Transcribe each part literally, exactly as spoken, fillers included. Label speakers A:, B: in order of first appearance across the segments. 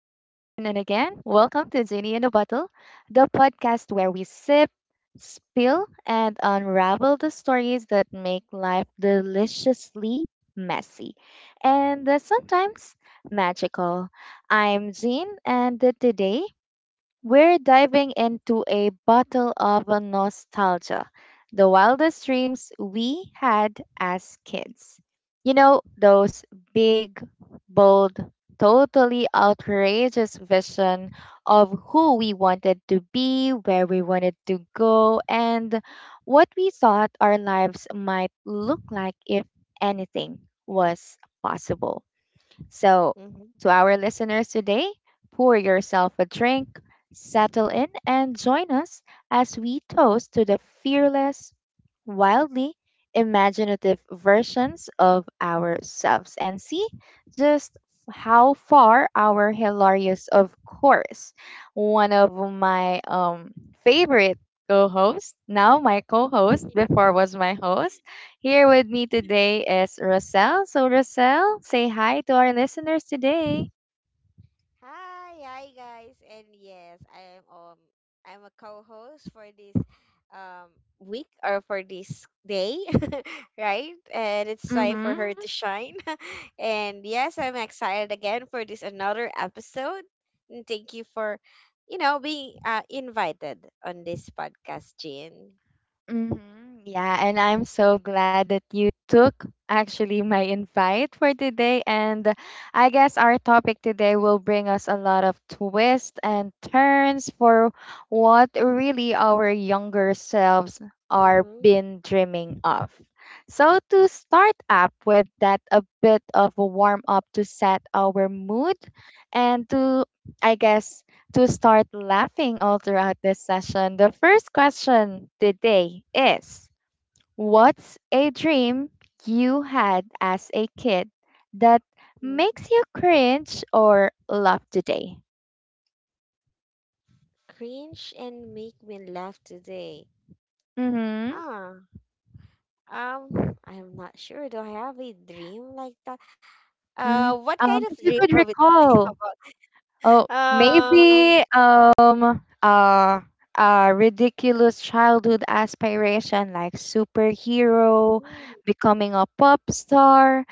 A: Welcome to Zinni in a Bottle, the podcast where we sip, spill, and unravel the stories that make life deliciously messy and uh, sometimes magical. I'm Jean, and uh, today we're diving into a bottle of uh, nostalgia, the wildest dreams we had as kids. You know, those big, bold, totally outrageous vision of who we wanted to be, where we wanted to go, and what we thought our lives might look like if anything was possible. So, to
B: Mm-hmm.
A: our listeners today, pour yourself a drink, settle in, and join us as we toast to the fearless, wildly imaginative versions of ourselves and see just how far our hilarious, of course, one of my um, favorite co hosts, now my co host, before was my host here with me today is Roselle. So, Roselle, say hi to our listeners today.
B: Hi, hi guys, and yes, I am um I'm a co-host for this um week or for this day, right? And it's time for
A: Mm-hmm.
B: her to shine. And yes, I'm excited again for this another episode. And thank you for, you know, being uh, invited on this podcast, Jean.
A: Mm-hmm. Yeah, and I'm so glad that you took actually my invite for today. And uh, I guess our topic today will bring us a lot of twists and turns for what really our younger selves are
B: Mm-hmm.
A: been dreaming of. So to start up with that a bit of a warm up to set our mood and to I guess to start laughing all throughout this session. The first question today is, what's a dream you had as a kid that makes you cringe or laugh today?
B: Cringe and make me laugh today.
A: Mm-hmm.
B: Huh. Um, I'm not sure. Do I have a dream like that?
A: Mm-hmm.
B: Uh, what
A: Um,
B: kind of
A: if you
B: dream
A: could
B: are we talking
A: recall, oh,
B: about? Um,
A: maybe um uh a ridiculous childhood aspiration like superhero,
B: hmm,
A: becoming a pop star,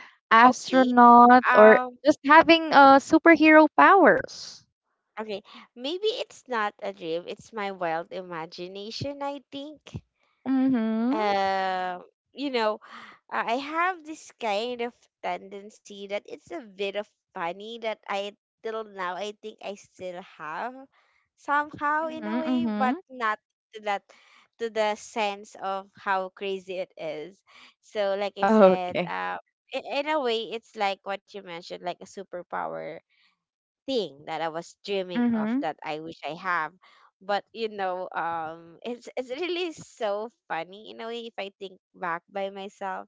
B: okay.
A: astronaut, or
B: Um,
A: just having uh superhero powers.
B: okay. Maybe it's not a dream. It's my wild imagination, I think.
A: Mm-hmm.
B: um you know I have this kind of tendency that it's a bit of funny that I, till now, I think I still have
A: Mm-hmm.
B: somehow in a
A: Mm-hmm.
B: way, but not to that to the sense of how crazy it is. So like I
A: Okay.
B: said, um i- in a way, it's like what you mentioned, like a superpower thing that I was dreaming
A: Mm-hmm.
B: of, that I wish I have. But you know, um, it's it's really so funny in a way if I think back by myself.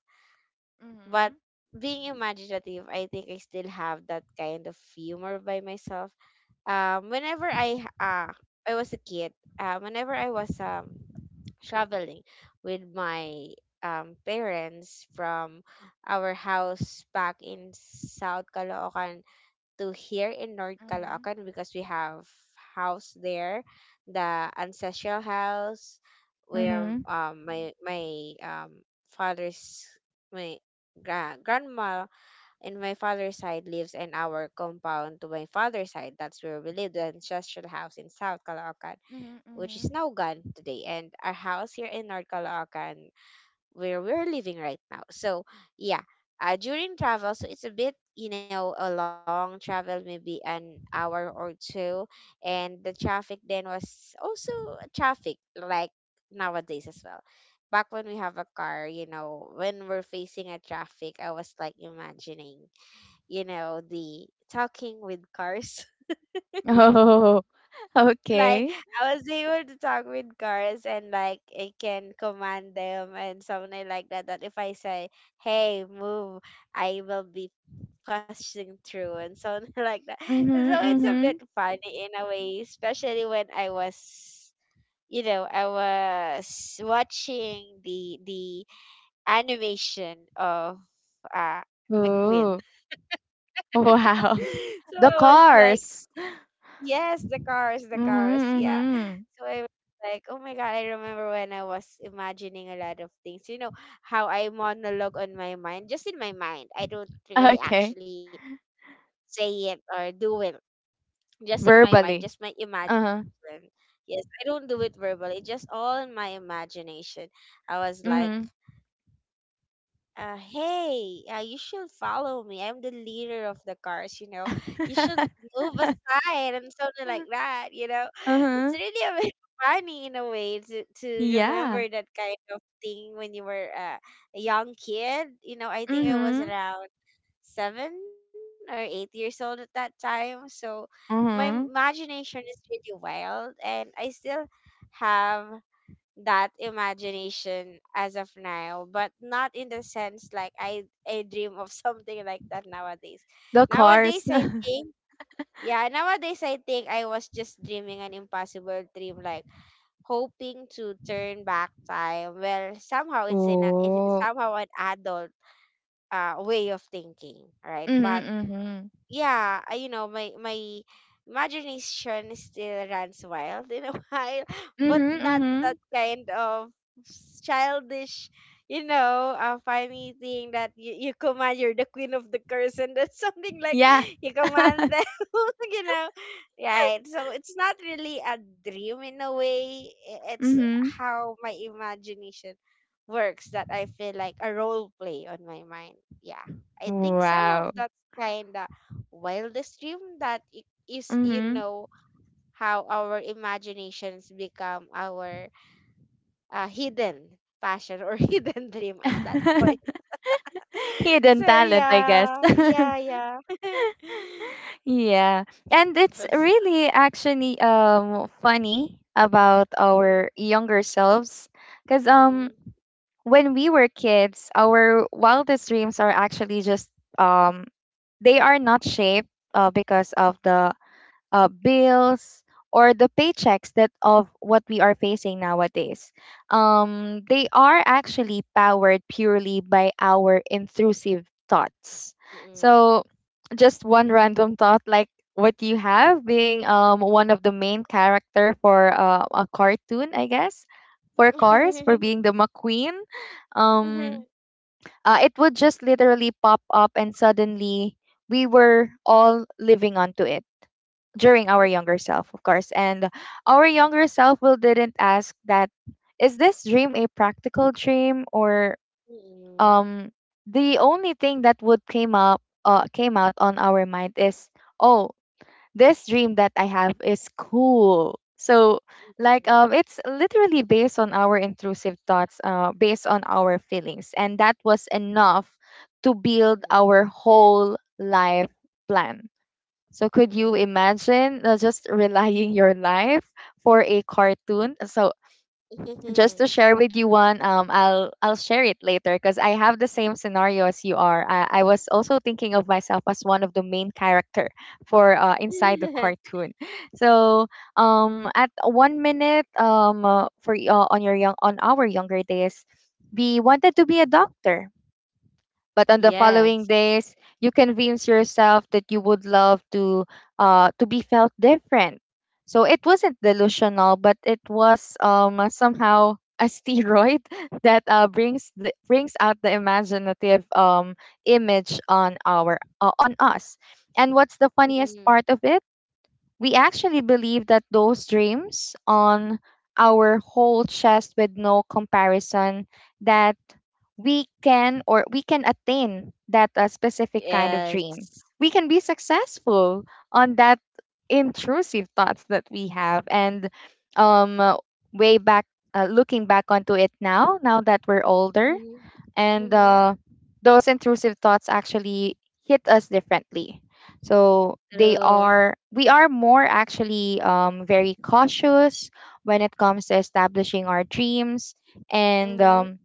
A: Mm-hmm.
B: But being imaginative, I think I still have that kind of humor by myself. Um, whenever I h- uh I was a kid, uh, whenever I was um traveling with my um parents from our house back in South Caloocan to here in North Caloocan because we have house there, the ancestral house
A: Mm-hmm.
B: where
A: Mm-hmm.
B: um um, my my um father's my gra- grandma in my father's side lives, and our compound to my father's side. That's where we live, the ancestral house in South Caloocan, which is
A: Mm-hmm.
B: now gone today. And our house here in North Caloocan, where we're living right now. So yeah, uh, during travel, so it's a bit, you know a long travel, maybe an hour or two, and the traffic then was also traffic like nowadays as well. Back when we have a car, you know, when we're facing a traffic, I was like imagining, you know, the talking with cars,
A: Oh,
B: like
A: okay.
B: I was able to talk with cars and like I can command them and something like that. That if I say, "Hey, move," I will be pushing through and something like that. So
A: Mm-hmm.
B: it's a bit
A: Mm-hmm.
B: funny in a way, especially when I was, you know, I was watching the the animation of uh
A: Oh,
B: McQueen.
A: wow.
B: So
A: The
B: I was like,
A: cars.
B: yes, the cars, the cars.
A: Mhm,
B: Yeah.
A: mhm.
B: So I was like, oh my God, I remember when I was imagining a lot of things. You know, how I monologue on my mind, just in my mind. I don't really
A: Okay.
B: actually say it or do it. Just in my mind, just
A: Verbally.
B: my imagination.
A: Uh-huh.
B: Yes, I don't do it verbally, just all in my imagination. I was like,
A: Mhm.
B: uh, hey, uh, you should follow me. I'm the leader of the cars, you know. You should move aside and something like that, you know. It's
A: Uh-huh.
B: really a bit funny in a way to, to
A: Yeah.
B: remember that kind of thing when you were uh, a young kid. You know, I think I
A: Mhm.
B: was around seven or eight years old at that time. So my
A: Mhm.
B: imagination is really wild and I still have that imagination as of now, but not in the sense like i i dream of something like that nowadays.
A: The
B: nowadays
A: cars.
B: i think yeah nowadays i think I was just dreaming an impossible dream, like hoping to turn back time. Well, somehow it's in a, in,
A: Oh.
B: somehow an adult uh way of thinking, right?
A: Mhm,
B: But
A: mhm.
B: yeah, I- you know, my my imagination still runs wild in a while, but
A: Mhm,
B: not that
A: mhm.
B: kind of s- childish, you know, uh, funny thing that you, you command, you're the queen of the curse, and that's something like
A: Yeah.
B: you command them, you know, right? So it's not really a dream in a way. i- It's
A: Mhm.
B: how my imagination works, that I feel like a role play on my mind. Yeah, I think some
A: Wow.
B: of that's kind wildest dream that it is, you
A: Mhm.
B: know how our imaginations become our uh, hidden passion or hidden dream at that point.
A: Hidden
B: So
A: talent, I guess.
B: yeah, yeah, yeah.
A: Yeah. And it's
B: that's
A: really actually um funny about our
B: Mm,
A: younger selves because
B: mm,
A: um when we were kids, our wildest dreams are actually just um they are not shaped uh, because of the uh, bills or the paychecks that of what we are facing nowadays. Um, they are actually powered purely by our intrusive thoughts.
B: mm,
A: So, just one random thought like what you have being um one of the main character for uh, a cartoon, I guess, for cars for
B: mm.
A: being the McQueen. Um, uh, it would just literally pop up and suddenly we were all living onto it during our younger self, of course. And our younger self will didn't ask that is this dream a practical dream or
B: Mm, mm,
A: um the only thing that would came up uh, came out on our mind is, oh, this dream that I have is cool. So like um it's literally based on our intrusive thoughts, uh based on our feelings and that was enough to build our whole life plan. So could you
B: mm,
A: imagine uh, just relying your life for a cartoon? So
B: mm,
A: just
B: mm.
A: to share with you one, um, I'll I'll share it later because I have the same scenario as you are. I, I was also thinking of myself as one of the main character for uh, inside the cartoon. So um, at one minute um uh, for y- uh, on your young on our younger days, we wanted to be a doctor but on the following
B: Yes.
A: days you convince yourself that you would love to uh to be felt different, so it wasn't delusional but it was um somehow a steroid that uh, brings the brings out the imaginative um image on our uh, on us. And what's the
B: Mm,
A: funniest
B: mm.
A: part of it, we actually believe that those dreams on our whole chest with no comparison, that we can or we can attain that a specific kind of dream.
B: Yes.
A: We can be successful on that intrusive thoughts that we have and um uh, way back uh, looking back onto it now, now that we're older,
B: Mm-hmm.
A: and uh, those intrusive thoughts actually hit us differently. So they
B: True.
A: are, we are more actually um, very cautious when it comes to establishing our dreams, and
B: Mm-hmm.
A: um,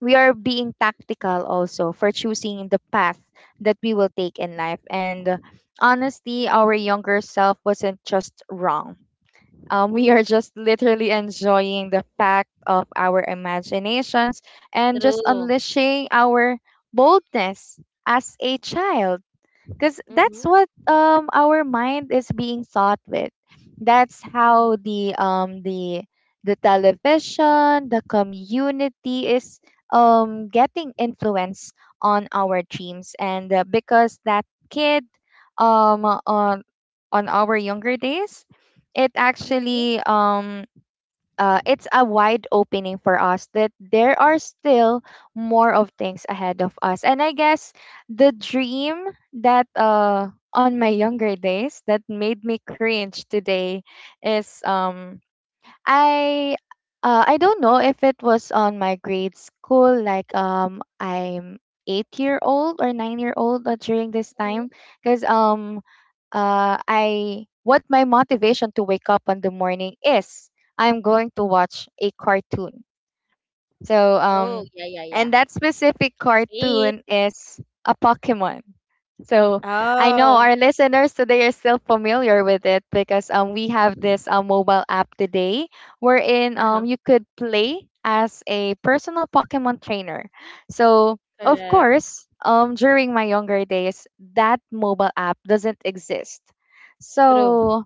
A: we are being tactical also for choosing the path that we will take in life. And uh, honestly our younger self wasn't just wrong. Um, we
B: Mhm.
A: are just literally enjoying the fact of our imaginations and just
B: True.
A: unleashing our boldness as a child, because
B: Mhm.
A: that's what um our mind is being taught with. That's how
B: Mhm.
A: the um the the television, the community is um getting influence on our dreams. And uh, because that kid um on on our younger days, it
B: Mhm.
A: actually um uh, it's a wide opening for us that there are still more of things ahead of us. And I guess the dream that uh, on my younger days that made me cringe today is um I uh, I don't know if it was on my grade school, like um I'm eight year old or nine year old uh, during this
B: Mhm.
A: time, because um uh, I what my motivation to wake up in the morning is I'm going to watch a cartoon, so
B: Oh,
A: um
B: yeah, yeah, yeah.
A: and that specific
B: Same.
A: cartoon is a Pokemon. So I know
B: Oh.
A: our listeners today are still familiar with it because um we have this uh, mobile app today wherein
B: Uh-huh.
A: um you could play as a personal Pokemon trainer. So of
B: Correct.
A: course um during my younger days that mobile app doesn't exist.
B: True.
A: So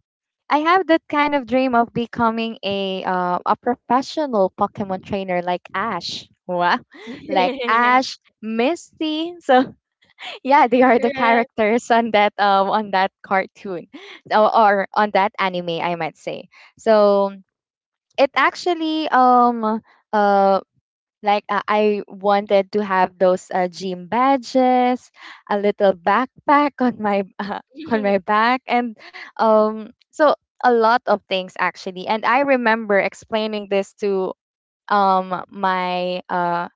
A: I have that kind of dream of becoming a uh, a professional Pokemon trainer like Ash. Wow. Like Ash, Misty. So yeah, they are the
B: Correct.
A: characters on that um on that cartoon or, or on that anime I might say. So it actually um uh like uh, I wanted to have those uh, gym badges, a little backpack on my uh, on my back, and um, so a lot of things actually. And I remember explaining this to um my uh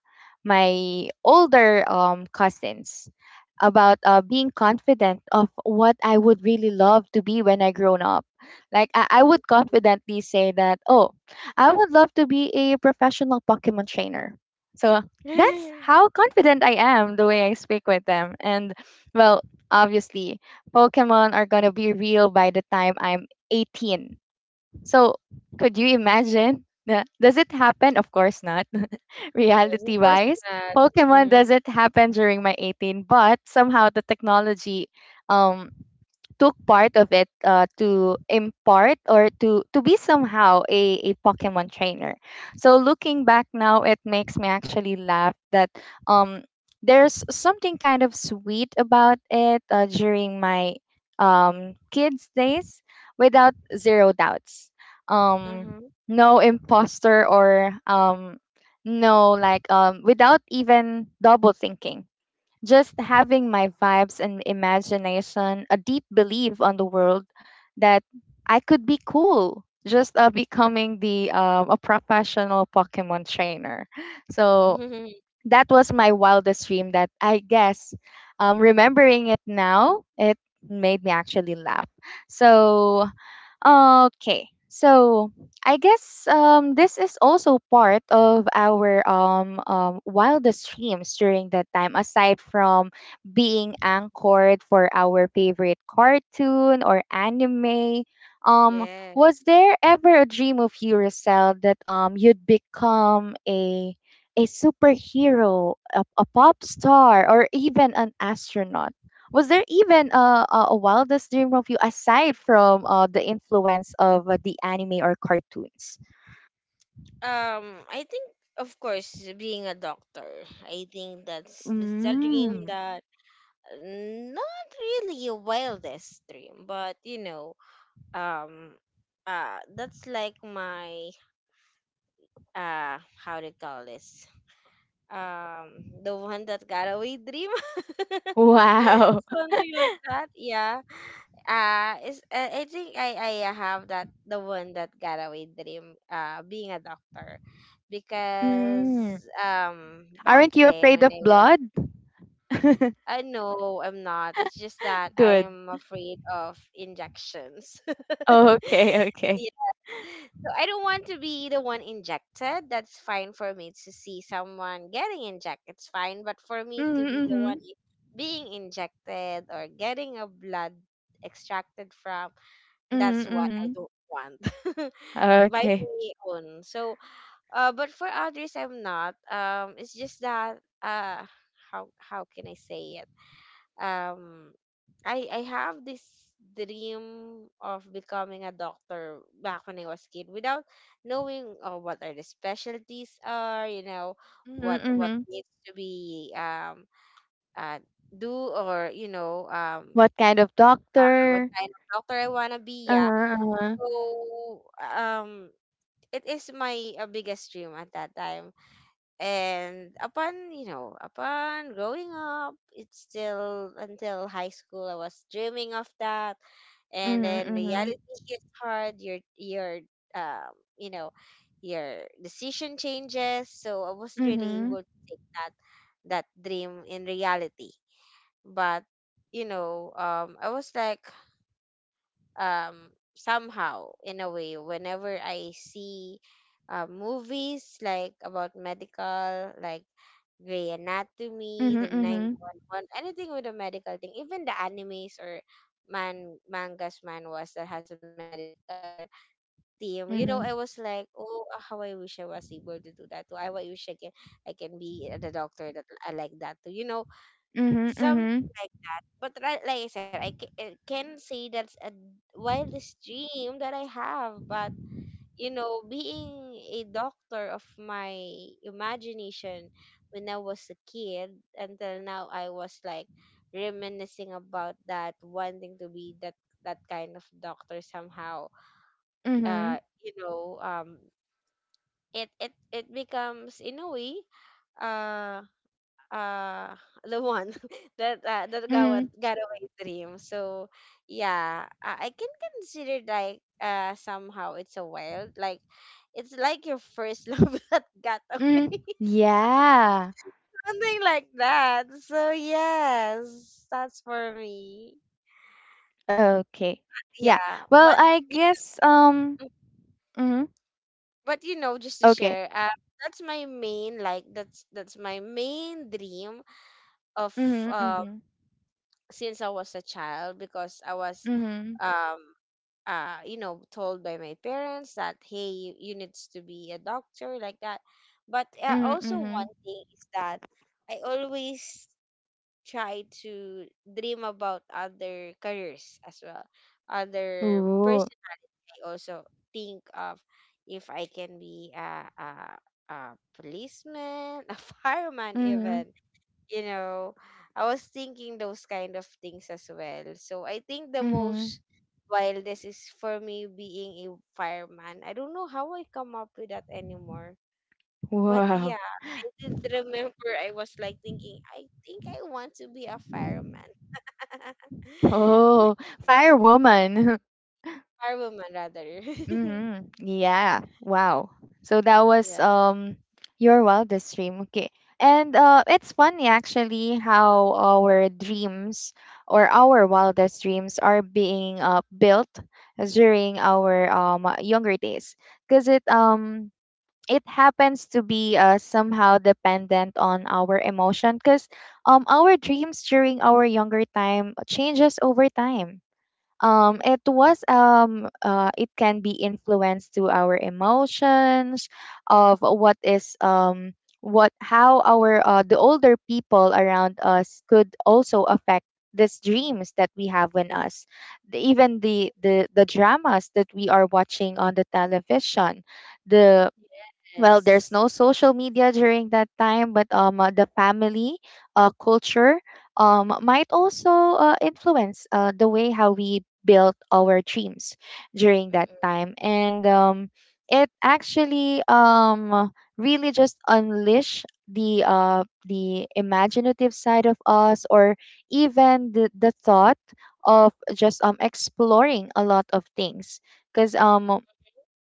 A: my older um, cousins about uh, being confident of what I would really love to be when I grown up. Like I, I would
B: Mhm.
A: confidently say that, oh, I would love to be a professional Pokemon trainer. So that's how confident I am the way I speak with them. And well, obviously, Pokemon are gonna be real by the time I'm eighteen. So, could you imagine? Na- Does it happen? Of course not.
B: Yes, of
A: Reality
B: course
A: wise,
B: not.
A: Pokemon
B: Mm.
A: doesn't happen during my eighteen, but somehow the technology um, took part of it uh, to impart or to to be somehow a, a Pokemon trainer. So looking back now, it makes me actually laugh that um there's something kind of sweet about it uh, during my um kids days without zero doubts. Um,
B: Mhm.
A: no imposter or um no like um without even double thinking, just having my vibes and imagination, a deep belief on the world that I could be cool, just uh, becoming the um, a professional Pokemon trainer. So that was my wildest dream. That I guess, um, remembering it now, it made me actually laugh. So okay. So I guess um, this is also part of our um, um, wildest dreams during that time, aside from being anchored for our favorite cartoon or anime. Um,
B: Yeah.
A: was there ever a dream of you, Rosel, that um, you'd become a a superhero, a, a pop star, or even an astronaut? Was there even uh, a, a wildest dream of you aside from uh, the influence of uh, the anime or cartoons?
B: Um, I think of course being a doctor. I think that's that's a dream
A: Mm.
B: that, not really a wildest dream, but you know, um uh that's like my, uh how do you call this, um the one that got away dream,
A: Wow.
B: something like that. Yeah, uh is uh, I think I I have that, the one that got away dream, uh being a doctor,
A: Mm.
B: because um back
A: Aren't you
B: then
A: afraid
B: when
A: of
B: I was,
A: blood?
B: I know, I'm not. It's just that I
A: Good.
B: am afraid of injections.
A: Oh, okay, okay.
B: Yeah. So I don't want to be the one injected. That's fine for me to see someone getting injected. It's fine, but for me to be the one,
A: Mm-hmm,
B: i- being injected or getting a blood extracted from, that's
A: mm-hmm,
B: what I
A: mm-hmm.
B: don't want. My
A: Okay.
B: very own. So, uh, but for others, I'm not. Um, it's just that, uh, how how can I say it? um I I have this dream of becoming a doctor back when I was kid, without knowing uh, what are the specialties are, you know,
A: Mm-hmm,
B: what what
A: mm-hmm.
B: needs to be um uh do, or you know um
A: What kind of
B: uh, what
A: doctor?
B: kind of doctor I wanna be, yeah.
A: Uh-huh, uh-huh.
B: So um it is my uh, biggest dream at that time, and upon, you know, upon growing up, it's still until high school I was dreaming of that. And then
A: Mm-hmm, mm-hmm,
B: reality hits hard. Your, your um you know your decision changes, so I wasn't really
A: mm-hmm,
B: able to take that that dream in reality. But you know um I was like, um somehow in a way, whenever I see uh, movies like about medical, like Grey Anatomy,
A: mm-hmm,
B: the nine one one, anything with a medical thing, even the animes or man mangas, manhwas that has a medical theme. You know, I
A: mm-hmm,
B: was
A: mm-hmm,
B: like, oh, ah, how I wish I was able to do that too. I wish I can, I can be the doctor. That I like that too, you know,
A: mm-hmm, mm-hmm, mm-hmm.
B: something like. But right, like I said, I ca- I can say that's a wildest dream that I have. But you know, being a doctor of my imagination, when I was a kid until now, I was like reminiscing about that, wanting to be that that kind of doctor somehow. Uh,
A: Mm-hmm,
B: you know, um, it it it becomes in a way, uh uh the one that, uh, that got wa- got away dream. So yeah, I, I can consider, like, uh somehow it's a wild, like, it's like your first love that got
A: mm-hmm.
B: away,
A: Yeah.
B: something like that. So yes, that's for me.
A: Okay. Yeah.
B: Yeah,
A: Well,
B: but
A: I guess um
B: y-
A: mhm.
B: but you know just to
A: Okay.
B: share, uh that's my main, like, that's that's my main dream of,
A: Mhm.
B: um
A: Mhm.
B: since I was a child, because I was
A: Mhm.
B: um uh, you know, told by my parents that, hey, you, you needs to be a doctor like that. But uh,
A: Mhm.
B: also
A: Mhm.
B: one thing is that I always try to dream about other careers as well. Other
A: Ooh.
B: person, I also think of if I can be a a, a policeman, a fireman
A: Mhm.
B: even, you know, I was thinking those kind of things as well. So I think the
A: Mhm.
B: most wildest is for me being a fireman. I don't know how I come up with that anymore. But
A: Wow.
B: yeah, I did remember, I was like thinking, I think I want to be a fireman.
A: Oh, firewoman.
B: Firewoman rather.
A: Mm-hmm. Yeah. Wow. So that was
B: Yeah.
A: um your wildest dream. Okay. And uh it's funny actually how our dreams or our wildest dreams are being uh built during our um younger days, because it um it happens to be uh somehow dependent on our emotion, because um our dreams during our younger time changes over time. Um
B: Hmm.
A: it was um uh it can be influenced to our emotions of what is um what, how our uh, the older people around us could also affect these dreams that we have in us. The- even the the the dramas that we are watching on the television, the well, there's
B: Yes.
A: no social media during that time, but um uh, the family, uh, culture um might also uh, influence uh, the way how we built our dreams during that
B: Mm-mm.
A: time. And um it actually um really just unleash the uh the imaginative side of us, or even the, the thought of just um exploring a lot of things. Because um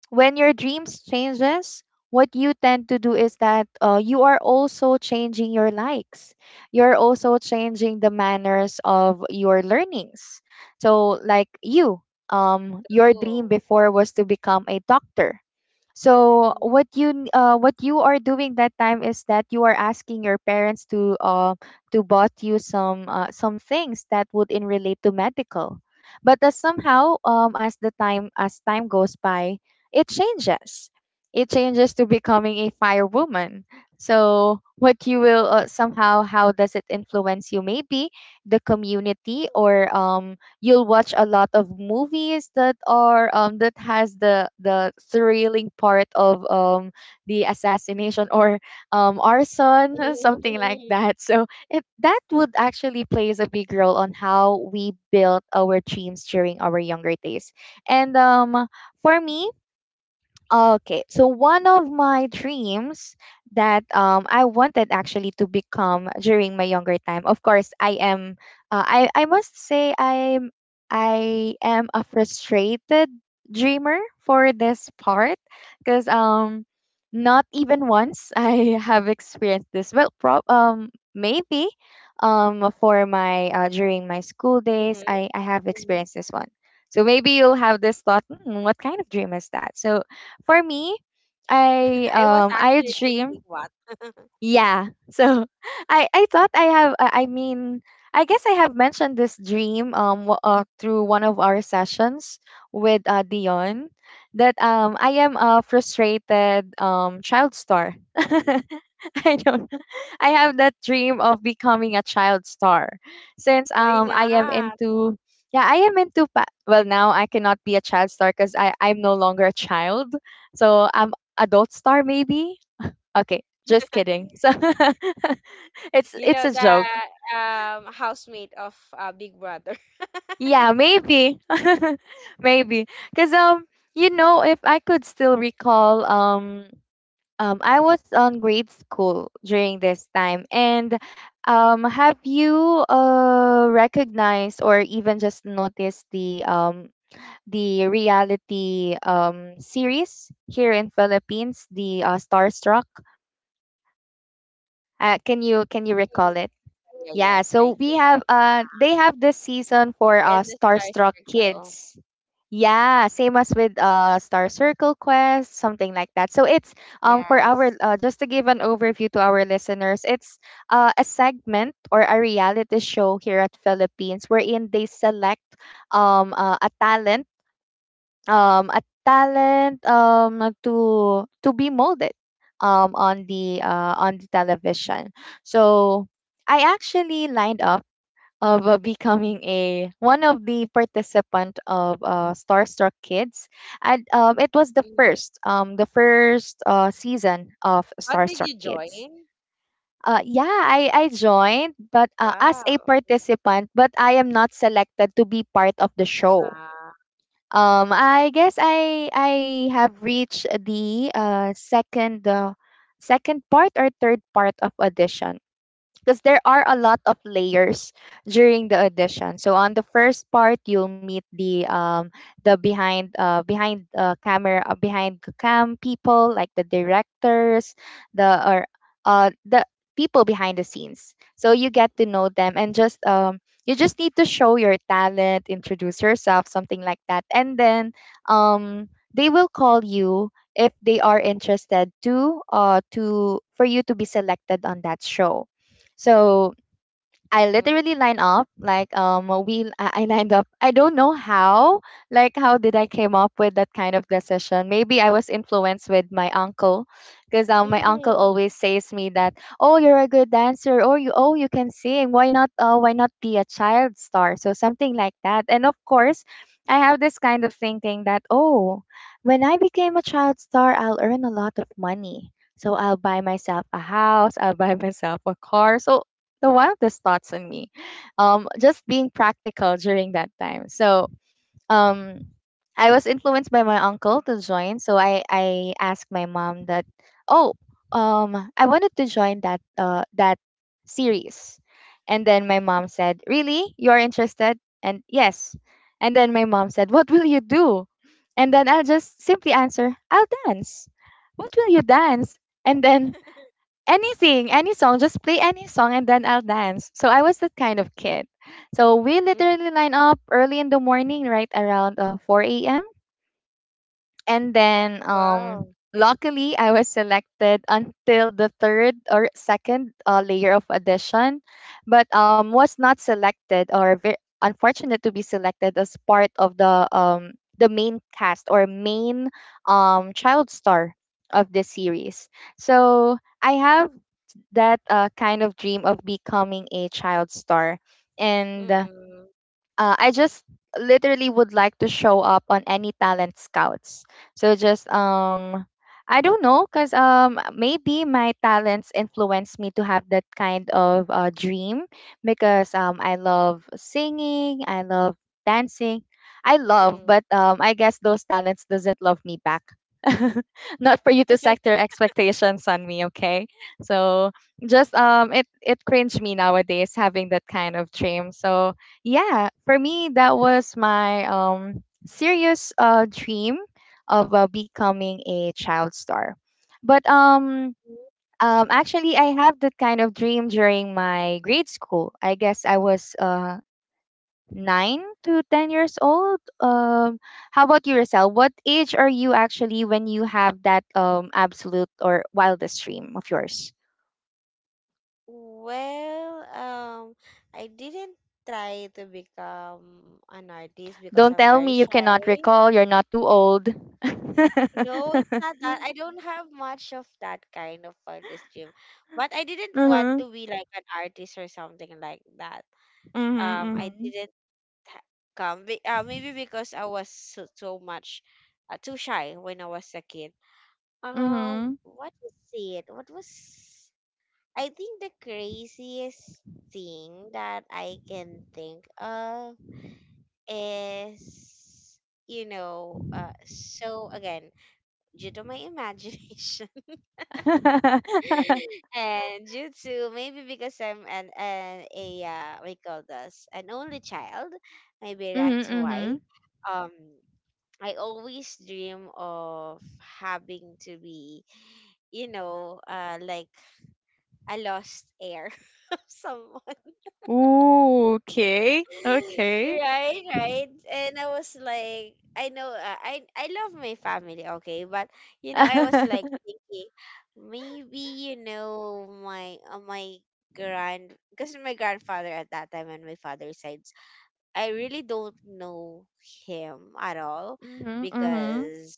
A: when your dreams changes, what you tend to do is that, uh, you are also changing your likes, you're also changing the manners of your learnings. So like you um your dream
B: Ooh.
A: before was to become a doctor. So
B: Mhm.
A: what you uh, what you are doing that time is that you are asking your parents to, uh, to bought you some uh, some things that would in relate to medical. But uh, somehow, um, as the time as time goes by, it changes. It changes to becoming a firewoman. So what you will, uh, somehow, how does it influence you? Maybe the community, or um, you'll watch a lot of movies that are um that has the the thrilling part of, um the assassination, or um arson something like
B: Mhm.
A: that, so it that would actually plays a big role on how we built our dreams during our younger days. And um for me, okay, so one of my dreams that um I wanted actually to become during my younger time. Of course, I am. Uh, I I must say I'm I am a frustrated dreamer for this part, because um not even once I have experienced this. Well, prob um maybe um for my uh, during my school days I I have
B: Mhm.
A: experienced this one. So maybe you'll have this thought, hmm, what kind of dream is that? So for me, I
B: I was
A: um I
B: actually thinking
A: dream.
B: what?
A: Yeah. So I I thought I have uh, I mean, I guess I have mentioned this dream um w- uh, through one of our sessions with uh, Dion, that um I am a frustrated um child star. I don't I have that dream of becoming a child star, since
B: Why
A: um I am
B: not?
A: into, yeah, I am into pa- well, now I cannot be a child star, cuz I I'm no longer a child. So I'm adult star maybe. Okay, just kidding. So it's
B: You
A: it's
B: know
A: a
B: the
A: joke.
B: um housemate of uh, Big Brother.
A: Yeah, maybe. maybe cuz um you know, if I could still recall. um Um, I was on grade school during this time. And um, have you uh, recognized or even just noticed the um, the reality, um, series here in Philippines, the, uh, Starstruck? Uh, can you can you recall it?
B: Yeah,
A: Yeah,
B: yes, I
A: so
B: can.
A: we have uh they have this season for
B: And
A: uh
B: the Star
A: Starstruck
B: Circle.
A: Kids. Yeah, same as with uh Star Circle Quest, something like that. So it's um for our,
B: Yes.
A: uh, just to give an overview to our listeners, it's uh, a segment or a reality show here at Philippines, wherein they select um uh, a talent um a talent um to to be molded um on the uh on the television. So I actually lined up of, uh, becoming a one of the participant of, uh, Starstruck Kids. And um, it was the
B: Mhm.
A: first, um, the first uh, season of
B: What did
A: Starstruck
B: you
A: Kids.
B: join?
A: Uh, yeah, I, I joined, but uh, as a
B: Wow.
A: participant, but I am not selected to be part of the show.
B: Ah.
A: Um, I guess I I have reached the uh, second uh, second part or third part of audition, because there are a lot of layers during the audition. So on the first part, you'll meet the um the behind, uh behind uh, camera, uh, behind the cam people, like the directors, the or uh the people behind the scenes. So you get to know them, and just um you just need to show your talent, introduce yourself, something like that. And then um they will call you if they are interested to uh to, for you to be selected on that show. So I
B: Mhm.
A: literally line up, like um we I I lined up. I don't know how, like how did I came up with that kind of decision. Maybe I was influenced with my uncle, because um my uncle always says me that, oh, you're a good dancer, or you oh you can sing, why not uh, why not be a child star, so something like that. And of course, I have this kind of thinking that, oh, when I became a child star, I'll earn a lot of money. So I'll buy myself a house, I'll buy myself a car. So the wildest thoughts on me. Um, just being practical during that time. So um, I was influenced by my uncle to join. So I I asked my mom that, oh, um, I wanted to join that uh that series, and then my mom said, really, you are interested? And yes, and then my mom said, what will you do? And then I'll just simply answer, I'll dance. What will you dance? And then, anything, any song, just play any song, and then I'll dance. So I was that kind of kid. So we
B: Mm.
A: literally line up early in the morning, right around uh, four a m. And then um,
B: Wow.
A: luckily, I was selected until the third or second, uh, layer of audition, but um, was not selected, or very unfortunate to be selected as part of the um, the main cast or main, um, child star of the series. So I have that, uh, kind of dream of becoming a child star. And
B: Mm-mm.
A: uh, I just literally would like to show up on any talent scouts. So just
B: Mm-mm.
A: um I don't know, cuz um maybe my talents influence me to have that kind of, uh, dream, because um I love singing, I love dancing. I love,
B: Mm-mm.
A: but um I guess those talents doesn't love me back. Not for you to set your expectations on me, okay? So just um it it cringe me nowadays having that kind of dream. So yeah, for me, that was my um serious, uh dream of, uh, becoming a child star. But um um actually, I have that kind of dream during my grade school. I guess I was uh nine to ten years old. Um how about you, Rosel? What age are you actually when you have that um absolute or wildest dream of yours?
B: Well, um, I didn't try to become an artist because
A: Don't
B: I'm
A: tell
B: very
A: me you cannot
B: shy.
A: recall. You're not too old.
B: No, it's not that. I don't have much of that kind of fondest dream. But I didn't want
A: Mhm.
B: to be like an artist or something like that. Um,
A: Mhm,
B: I
A: mhm.
B: didn't ha- come. Be- Uh, maybe because I was so, so much uh, too shy when I was a kid. Um,
A: Mhm.
B: what is it? What was, I think the craziest thing that I can think of is, you know, uh, so again, due to my imagination and you too, maybe because I'm an, an a uh, we call this an only child, maybe
A: Mhm,
B: that's why.
A: mhm.
B: Um, I always dream of having to be, you know, uh, like a lost heir, someone.
A: Ooh, okay, okay.
B: Right, right. And I was like, I know, uh, I I love my family, okay, but you know, I was like thinking, maybe you know, my uh, my grand, because my grandfather at that time and my father's sides, I really don't know him at all
A: Mhm, mhm.
B: because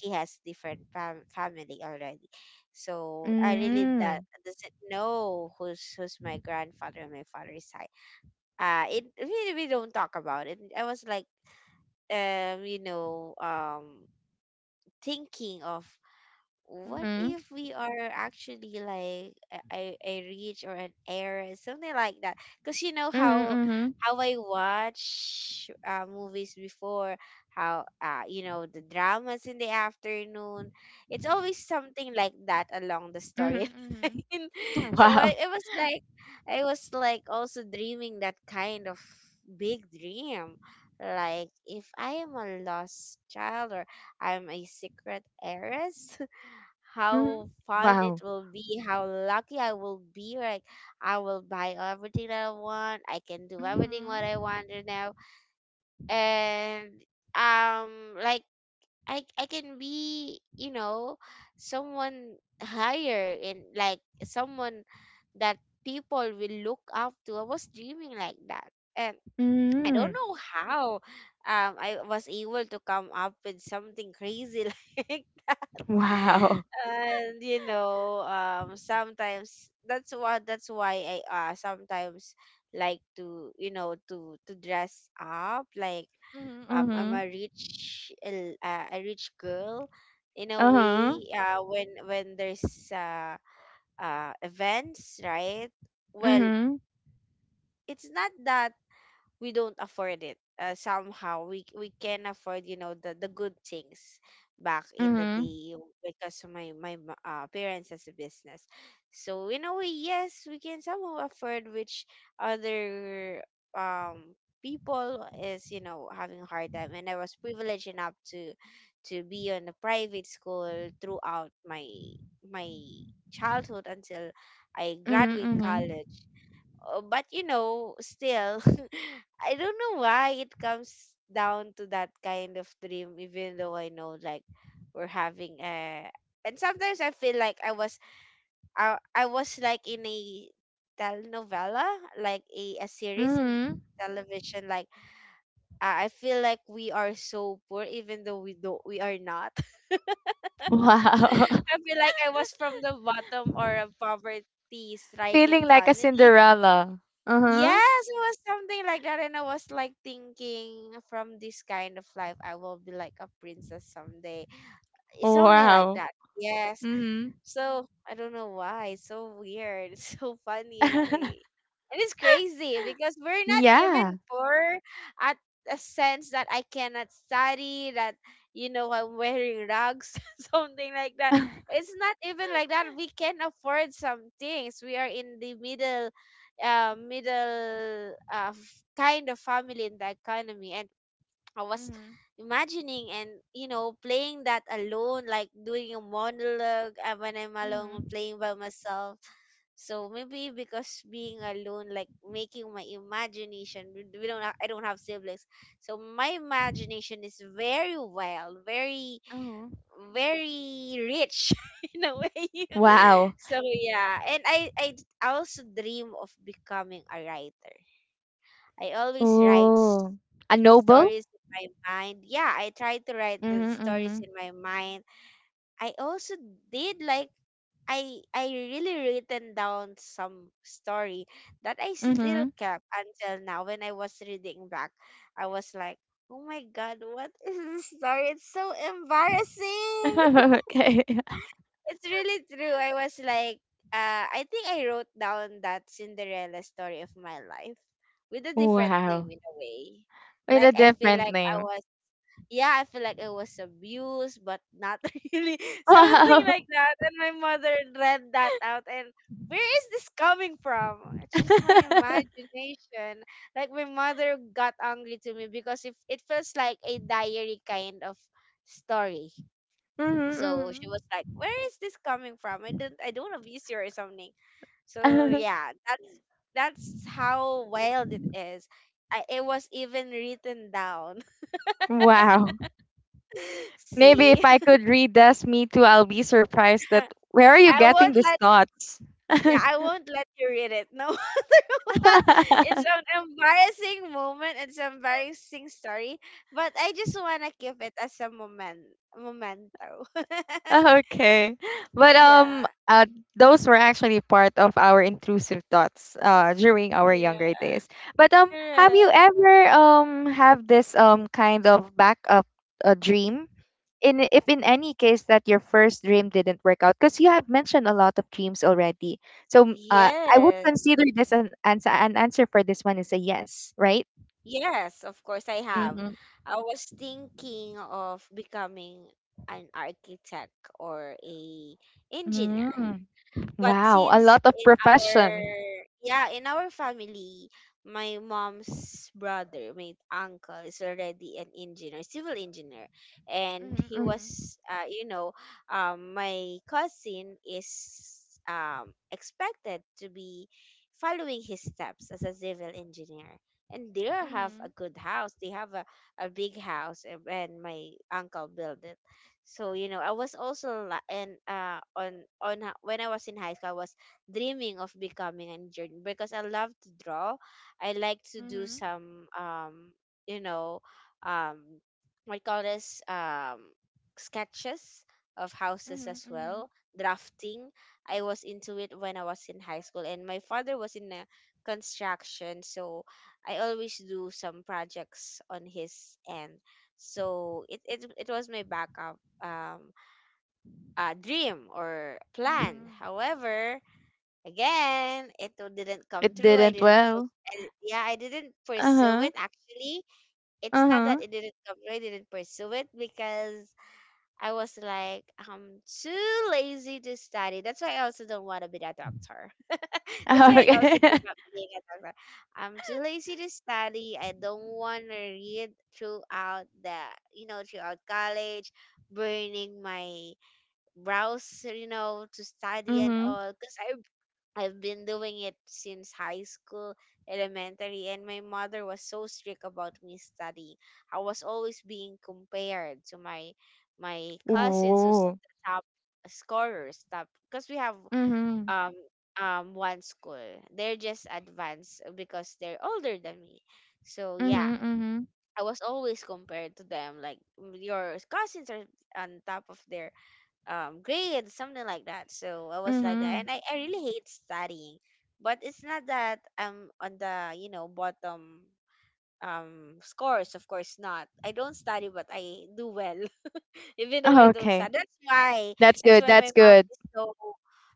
B: he has different fam family already. So I really
A: Mm.
B: that doesn't know who's who's my grandfather on my father's side. uh it really, we don't talk about it. I was like, um you know um thinking of what
A: Mhm.
B: if we are actually like a, a a reach or an error, something like that, because you know
A: Mhm,
B: how
A: mhm.
B: how I watch uh, movies before, how uh, you know, the dramas in the afternoon, it's always something like that along the storyline.
A: Mhm, mhm.
B: so I,
A: Wow.
B: it was like, I was like also dreaming that kind of big dream, like if I am a lost child or I'm a secret heiress, how
A: Mhm.
B: fun it
A: Wow.
B: will be, how lucky I will be. Like I will buy everything that I want. I can do everything
A: Mhm.
B: what I want right now. And um like I I can be, you know, someone higher and like someone that people will look up to. I was dreaming like that. And I don't
A: Mm.
B: know how um I was able to come up with something crazy like that.
A: Wow.
B: And you know, um sometimes that's what that's why I uh sometimes like to, you know, to to dress up like
A: Mhm,
B: um I'm
A: mhm.
B: a rich l- uh, a rich girl, in a
A: Uh-huh.
B: way, uh when when there's uh uh events, right? Well,
A: Mhm.
B: it's not that we don't afford it. uh, somehow we we can afford, you know, the the good things back in the
A: Mhm.
B: day, because my my ma- uh, parents has a business, so in a way, yes, we can somehow afford, which other um people is, you know, having a hard time, and I was privileged enough to to be on a private school throughout my my childhood until I
A: Mhm,
B: graduate
A: mhm.
B: college. uh, but you know, still, I don't know why it comes down to that kind of dream, even though I know like we're having a. And sometimes I feel like I was I, I was like in a telenovela, like a, a series in the
A: Mhm.
B: television. Like uh, I feel like we are so poor, even though we don't we are not.
A: Wow.
B: I feel like I was from the bottom or a poverty
A: Feeling
B: stricken
A: like a
B: family.
A: Cinderella. Uh-huh.
B: Yes, it was something like that, and I was like thinking, from this kind of life, I will be like a princess someday, eh, something like
A: Wow.
B: that. Yes,
A: Mhm.
B: so I don't know why. It's so weird. It's so funny in a way. And it's crazy because we're not
A: Yeah.
B: even poor at a sense that I cannot study, that you know, I'm wearing rags, something like that. It's not even like that. We can afford some things. We are in the middle uh middle uh f- kind of family in the economy, and I was
A: Mhm.
B: imagining and, you know, playing that alone, like doing a monologue, uh, when I'm alone
A: Mhm.
B: playing by myself. So maybe because being alone, like making my imagination, we we don't, ha- I don't have siblings, so my imagination is very wild, very,
A: Mhm.
B: very rich in a way.
A: Wow.
B: So yeah, and I, I also dream of becoming a writer. I always write
A: Oh, a noble?
B: stories in my mind. Yeah, I tried to write the stories
A: Mhm.
B: in my mind. I also did like I I really written down some story that I
A: Mhm.
B: still
A: Mhm.
B: kept until now. When I was reading back, I was like, "Oh my god, what is this story? It's so embarrassing."
A: Okay.
B: It's really true. I was like, uh, I think I wrote down that Cinderella story of my life with a different name,
A: Wow.
B: in a way.
A: With a
B: Like I feel
A: different
B: like I
A: name.
B: was yeah, I feel like it was abuse, but not really, something
A: Wow.
B: like that. And my mother read that out, and where is this coming from? It's just my imagination. Like my mother got angry to me because if it feels like a diary kind of story. So she was
A: Mhm.
B: like, where is this coming from? I don't I don't abuse you or something. So
A: Mhm.
B: yeah, that's that's how wild it is. I, it was even written down.
A: Wow. Maybe if
B: See?
A: I could read this, me too, I'll be surprised that where are you
B: I
A: getting
B: won't
A: these
B: let,
A: thoughts?
B: yeah, I won't let you read it. No matter what. It's an embarrassing moment. It's an embarrassing story. But I just wanna keep it as a moment, memento.
A: Okay. But um
B: Yeah.
A: uh those were actually part of our intrusive thoughts uh during our
B: Yeah.
A: younger days. But um have
B: Correct.
A: you ever um have this um kind of backup, uh, dream? In if in any case that your first dream didn't work out, because you have mentioned a lot of dreams already. So m- uh I would
B: Yes.
A: consider this an answer an answer for this one is a yes, right?
B: Yes, of course I have.
A: Mhm.
B: I was thinking of becoming an architect or a engineer.
A: Mm.
B: But
A: Wow, a
B: since
A: lot of
B: in our,
A: profession.
B: yeah, in our family, my mom's brother, my uncle, is already an engineer, civil engineer, and he
A: Mhm.
B: was, uh, you know, um, my cousin is um expected to be following his steps as a civil engineer. And they have
A: Mhm.
B: a good house. They have a, a big house, and and my uncle built it. So you know, I was also la- and uh on on h- when I was in high school, I was dreaming of becoming an engineer because I love to draw. I like to do
A: Mhm.
B: some um you know um what you call this, um sketches of houses
A: Mhm,
B: as
A: mhm,
B: well, drafting. I was into it when I was in high school, and my father was in a construction, so I always do some projects on his end. So it, it it was my backup um, uh, dream or plan.
A: mhm.
B: However, again, it w- didn't come
A: It
B: true. I
A: didn't
B: didn't,
A: well.
B: pus- I, yeah, I didn't pursue
A: Uh-huh.
B: it. Actually, it's not
A: Uh-huh.
B: that it didn't come true. I didn't pursue it because I was like, I'm too lazy to study. That's why I also don't want to be a doctor. That's why I also
A: Okay.
B: give up being a doctor. I'm too lazy to study. I don't want to read throughout the, you know, throughout college, burning my browse, you know, to study and
A: Mm-hmm.
B: all. Because I've, I've been doing it since high school, elementary, and my mother was so strict about me studying. I was always being compared to my my cousins, who's
A: Ooh.
B: the top scorers, top, because we have
A: Mhm,
B: um um one school. They're just advanced because they're older than me. So yeah.
A: mhm, mhm,
B: I was always compared to them, like, "Mm, your cousins are on top of their, um, grades," something like that. So I was like that,
A: mhm.
B: and I, I really hate studying. But it's not that I'm on the, you know, bottom um scores. Of course not. I don't study, but I do well, even though I don't
A: Okay.
B: study. That's why.
A: That's
B: That's
A: good.
B: why
A: That's
B: my mom
A: good.
B: is so.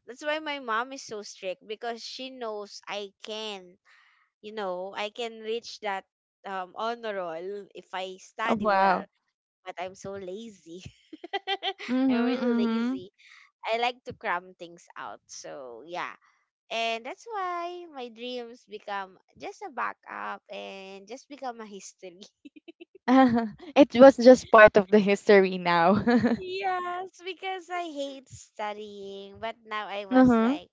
B: That's why my mom is so strict because she knows I can. You know, I can reach that um honor roll if I
A: Oh,
B: study
A: wow.
B: well. But I'm so lazy. I'm really
A: Mhm,
B: lazy. I like to cram things out. So yeah. And that's why my dreams become just a backup and just become a history.
A: Mhm. It was just part of the history now. uh
B: Yes, because I hate studying, but now I was
A: Uh-huh.
B: like,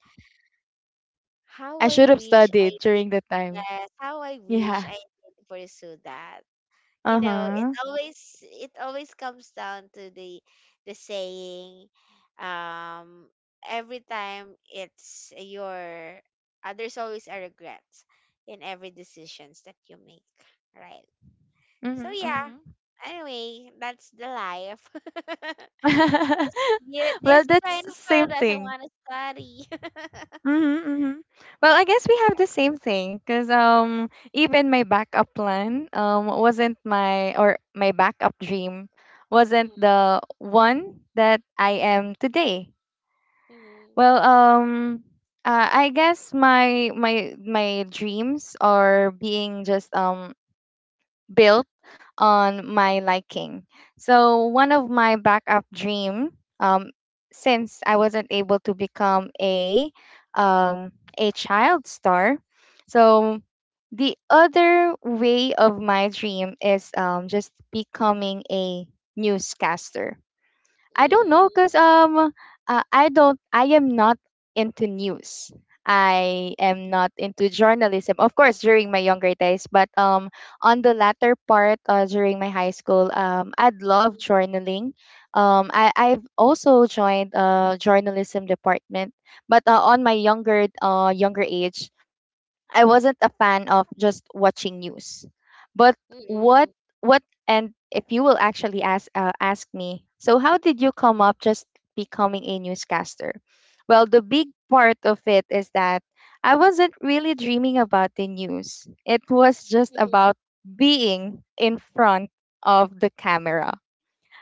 B: how
A: I
B: I
A: should have
B: wish I
A: studied during that time.
B: yes, how I wish
A: Yeah.
B: I did pursue that. You know, it
A: Uh-huh.
B: always, it always comes down to the the saying, um every time it's your, uh, there's always a regret in every decisions that you make, right? So
A: Mhm,
B: yeah,
A: mhm.
B: anyway, that's the life. Yeah,
A: well,
B: this kind
A: that's
B: of
A: same
B: girl doesn't
A: thing.
B: want to study.
A: Mhm, mhm. Well, I guess we have the same thing, because um even my backup plan um wasn't my, or my backup dream wasn't
B: Mm,
A: the one that I am today.
B: mhm,
A: Well, um uh, I guess my my my dreams are being just um built on my liking. So one of my backup dream, um, since I wasn't able to become a um, a child star, so the other way of my dream is um, just becoming a newscaster. I don't
B: mhm,
A: know, because um uh, I don't I am not into news. I am not into journalism. Of course, during my younger days, but um on the latter part, uh, during my high school, um I'd love journaling. Um I I've also joined uh journalism department, but uh, on my younger uh younger age, I wasn't a fan of just watching news. But what
B: mhm,
A: what and if you will actually ask uh, ask me, so how did you come up just becoming a newscaster? Well, the big part of it is that I wasn't really dreaming about the news. It was just
B: mhm,
A: about being in front of the camera.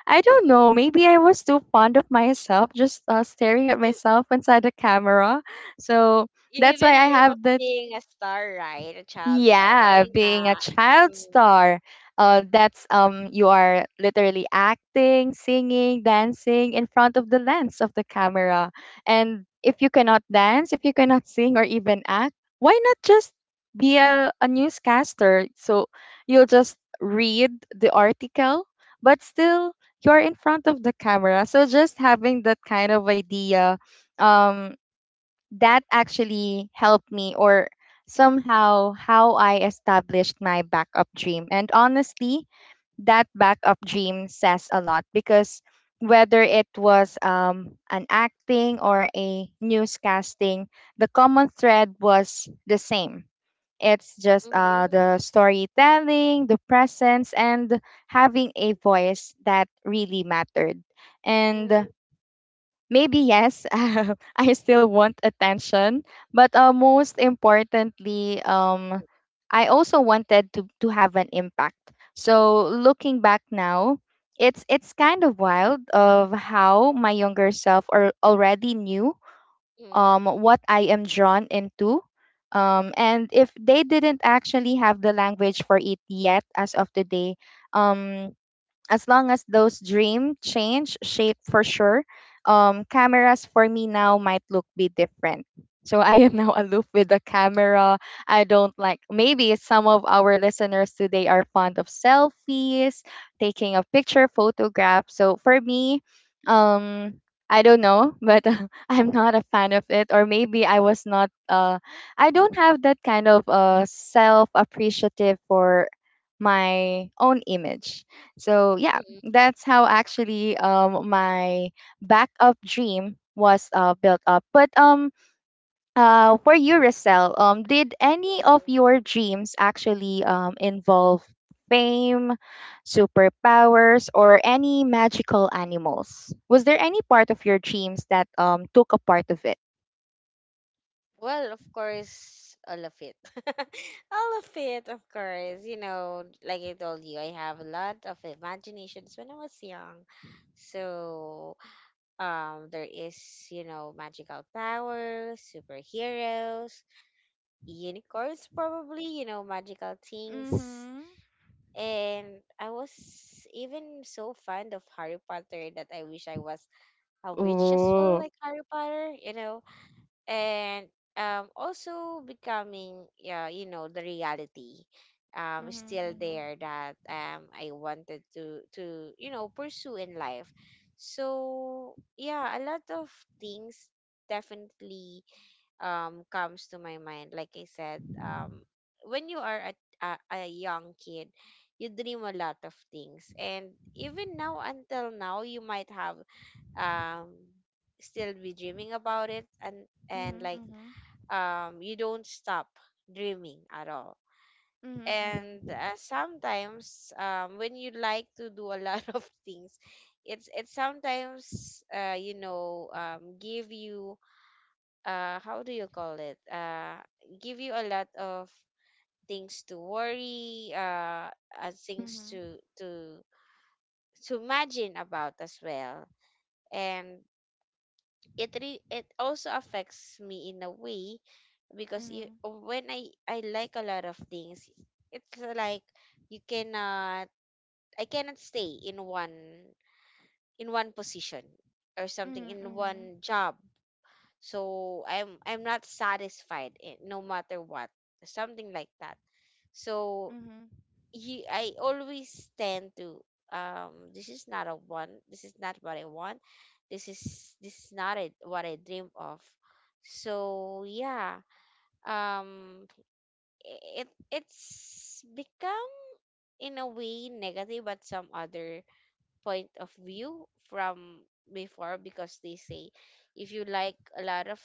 A: I don't know,
B: mhm,
A: maybe I was too fond of myself, just uh, staring at
B: mhm.
A: myself inside the camera. So
B: You
A: that's why
B: even
A: I
B: dream
A: have
B: of
A: the
B: being a star, right? A child star.
A: yeah,
B: Why
A: being a
B: not?
A: child
B: Mm,
A: star. Uh, that's um, you are literally acting, singing, dancing in front of the lens of the camera. And if you cannot dance, if you cannot sing, or even act, why not just be
B: mm,
A: a, a newscaster? So you'll just read the article, but still you're in front of the camera. So just having that kind of idea, um, that actually helped me or somehow how I established my backup dream. And honestly, that backup dream says a lot because whether it was um, an acting or a newscasting, the common thread was the same. It's just uh,
B: mhm,
A: the storytelling, the presence, and having a voice that really mattered. And maybe yes, I still want attention, but uh, most importantly,
B: mm,
A: um, I also wanted to to have an impact. So looking back now, it's it's kind of wild of how my younger self or already knew
B: mm,
A: um what I am drawn into. Um, and if they didn't actually have the language for it yet as of today, um, as long as those dream change shape for sure, um, cameras for me now might look be different. So I am now
B: mm,
A: aloof with the camera. I don't like maybe some of our listeners today are fond of selfies, taking a picture, photograph. So for me, um, I don't know, but I'm not a fan of it. Or maybe I was not. Uh, I don't have that kind of uh self appreciative for my own image so
B: mm,
A: yeah,
B: mm,
A: that's how actually um my backup dream was uh, built up. But um uh for you, Rosel, um did any of
B: mm.
A: your dreams actually um involve fame, superpowers, or any magical animals? Was there any part of your dreams that um took a part of it?
B: Well, of course, all of it. All of it, of course. You know, like I told you, I have a lot of imaginations when I was young. So, um, there is, you know, magical powers, superheroes, unicorns, probably, you know, magical things.
A: Mm-hmm.
B: And I was even so fond of Harry Potter that I wish I was a witch as well,
A: Ooh.
B: like Harry Potter, you know. And um, also becoming, yeah, you know, the reality, um, still
A: Mm-hmm.
B: there, that um I wanted to to you know pursue in life. So yeah, a lot of things definitely um comes to my mind like I said, um when you are a, a, a young kid, you dream a lot of things, and even now, until now, you might have um still be dreaming about it, and and like um you don't stop dreaming at all.
A: Mm-hmm.
B: And
A: Mm-hmm.
B: uh, sometimes um when you like to do a lot of things, it's it sometimes uh you know um give you uh how do you call it uh give you a lot of things to worry, uh, uh
A: Mm-hmm.
B: things
A: Mm-hmm.
B: to to to imagine about as well. And it re- it also affects me in a way, because you,
A: Mm-hmm.
B: when i i like a lot of things, it's like you cannot, I cannot stay in one, in one position, or something in
A: Mm-hmm.
B: one job. So i'm i'm not satisfied, eh, no matter what, something like that. So
A: Mm-hmm.
B: he, I always tend to, um this is not a one, this is not what I want, this is, this is not it, what I dream of. So yeah, um it it's become in a way negative at some other point of view from before, because they say if you like a lot of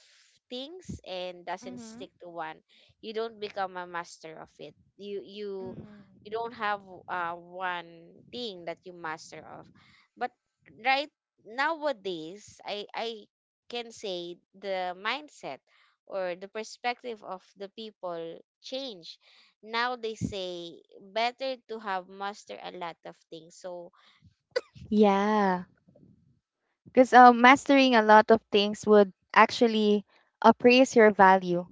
B: things and doesn't
A: Mm-hmm.
B: stick to one, you don't become a master of it. You you
A: Mm.
B: you don't have uh, one thing that you master of. But right, nowadays i i can say the mindset or the perspective of the people change. Now they say better to have master a lot of things. So
A: Yeah, because uh, mastering a lot of things would actually appraise your value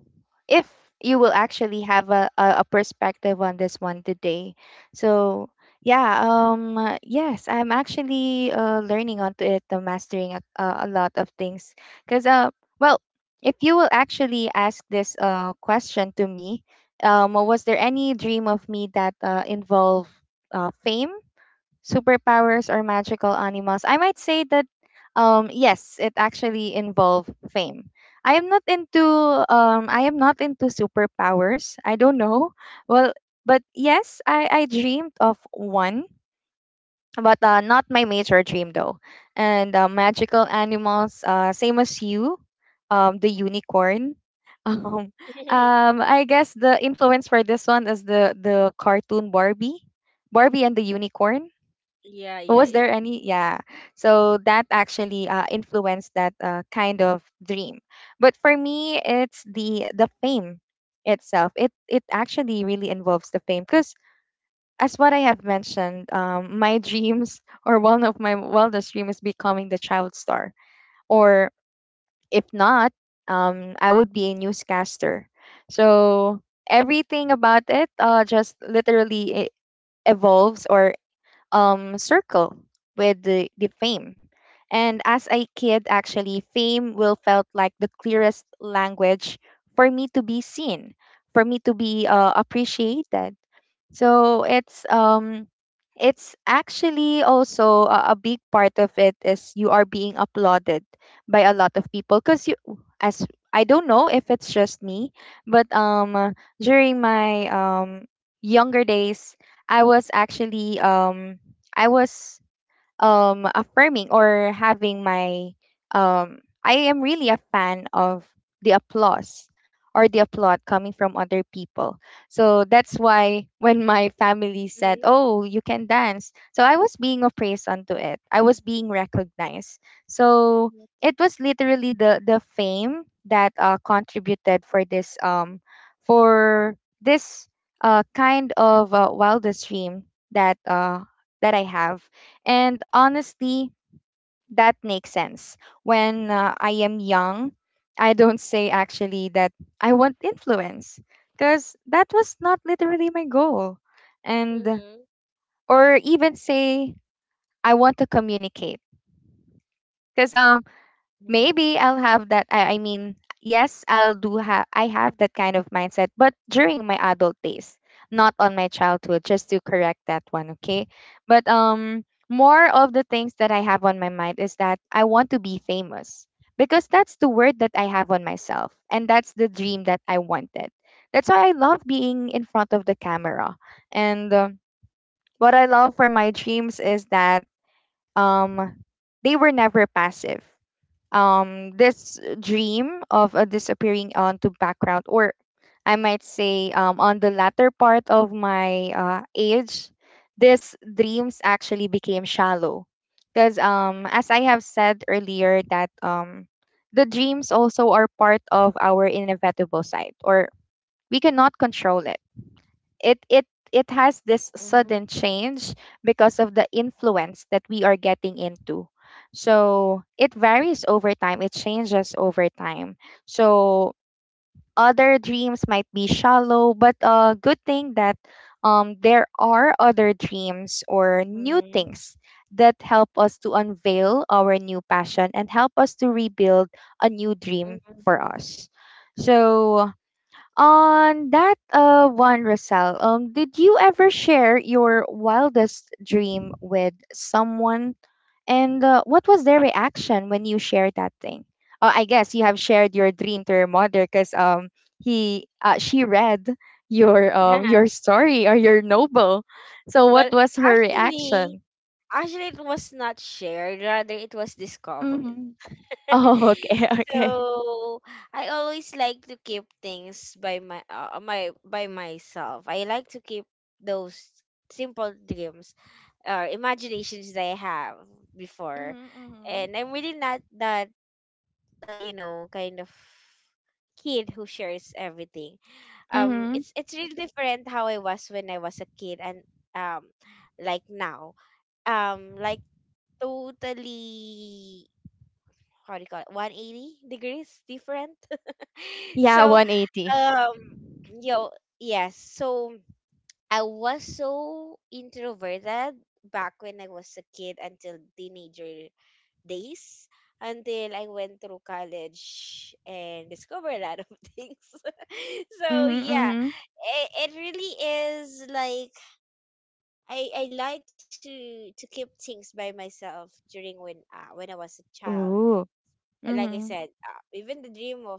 A: if you will actually have a, a, a perspective on this one today. So, yeah, um, uh, yes, I'm actually uh, learning onto it, uh, mastering a, a a lot of things. Because, uh, well, if you will actually ask this uh, question to me, um, was there any dream of me that uh, involved uh, fame? Superpowers or magical animals, I might say that um yes, it actually involved fame. I am not into um I am not into superpowers. I don't know. Well, but yes, I I dreamed of one, but uh, not my major dream though. And uh, magical animals, uh, same as you, um the unicorn. Um, um, I guess the influence for this one is the the cartoon Barbie, Barbie and the unicorn
B: yeah, yeah,
A: was there
B: yeah.
A: any yeah so that actually uh, influenced that uh, kind of dream but for me it's the the fame itself it it actually really involves the fame because as what I have mentioned um, my dreams or one of my wildest dream is becoming the child star or if not, um, I would be a newscaster. So everything about it, uh, just literally it evolves or um, circle with the, the fame. And as a kid, actually, fame will felt like the clearest language for me to be seen, for me to be uh, appreciated. So it's um it's actually also a, a big part of it is you are being applauded by a lot of people because you as I don't know if it's just me, but um uh, during my um younger days I was actually um I was um affirming or having my um I am really a fan of the applause or the applaud coming from other people. So that's why when my family said, "Oh, you can dance." So I was being appraised onto it. I was being recognized. So
B: Mm-hmm.
A: it was literally the the fame that uh, contributed for this um for this uh kind of uh, wildest dream that uh that I have and honestly, that makes sense. When uh, I am young, I don't say actually that I want influence because that was not literally my goal. And
B: Mm-hmm.
A: or even say I want to communicate because maybe
B: Mm-hmm.
A: I'll have that. I, I mean, yes, I'll do have. I have that kind of mindset, but during my adult days, not on my childhood. Just to correct that one, okay? But um, more of the things that I have on my mind is that I want to be famous because that's the word that I have on myself, and that's the dream that I wanted. That's why I love being in front of the camera, and um what I love for my dreams is that um, they were never passive um this dream of uh, disappearing onto background or I might say um, on the latter part of my uh, age this dreams actually became shallow because um as I have said earlier that um the dreams also are part of our inevitable side or we cannot control it it it it has this sudden
B: Mm-hmm.
A: change because of the influence that we are getting into. So it varies over time, it changes over time. So other dreams might be shallow but a good thing that um, there are other dreams or new
B: Mm-hmm.
A: things that help us to unveil our new passion and help us to rebuild a new dream
B: Mm-hmm.
A: for us. So on that uh, one, Rosal, um, did you ever share your wildest dream with someone? And uh, what was their reaction when you shared that thing? Oh, I guess you have shared your dream to your mother because um, he uh, she read your um, your story or your novel. So what
B: Well,
A: was her
B: actually,
A: reaction?
B: actually, it was not shared. Rather, it was discovered.
A: Mm-hmm. Oh, okay, okay.
B: So I always like to keep things by my uh, my by myself. I like to keep those simple dreams or imaginations that I have before,
A: Mm-hmm, mm-hmm.
B: and I'm really not that uh, you know kind of kid who shares everything. Um, it's
A: Mm-hmm.
B: it's really different how I was when I was a kid, and um like now um like totally, how do you call it, one eighty degrees different.
A: Yeah,
B: So
A: one eighty.
B: um yo yes, so I was so introverted back when I was a kid until teenager days, until I went through college and discovered a lot of things. So yeah,
A: Mm-hmm,
B: it, it really is like I, I like to to keep things by myself during when uh, when I was a
A: mm-hmm.
B: child.
A: Ooh.
B: Like I said, uh, even the dream of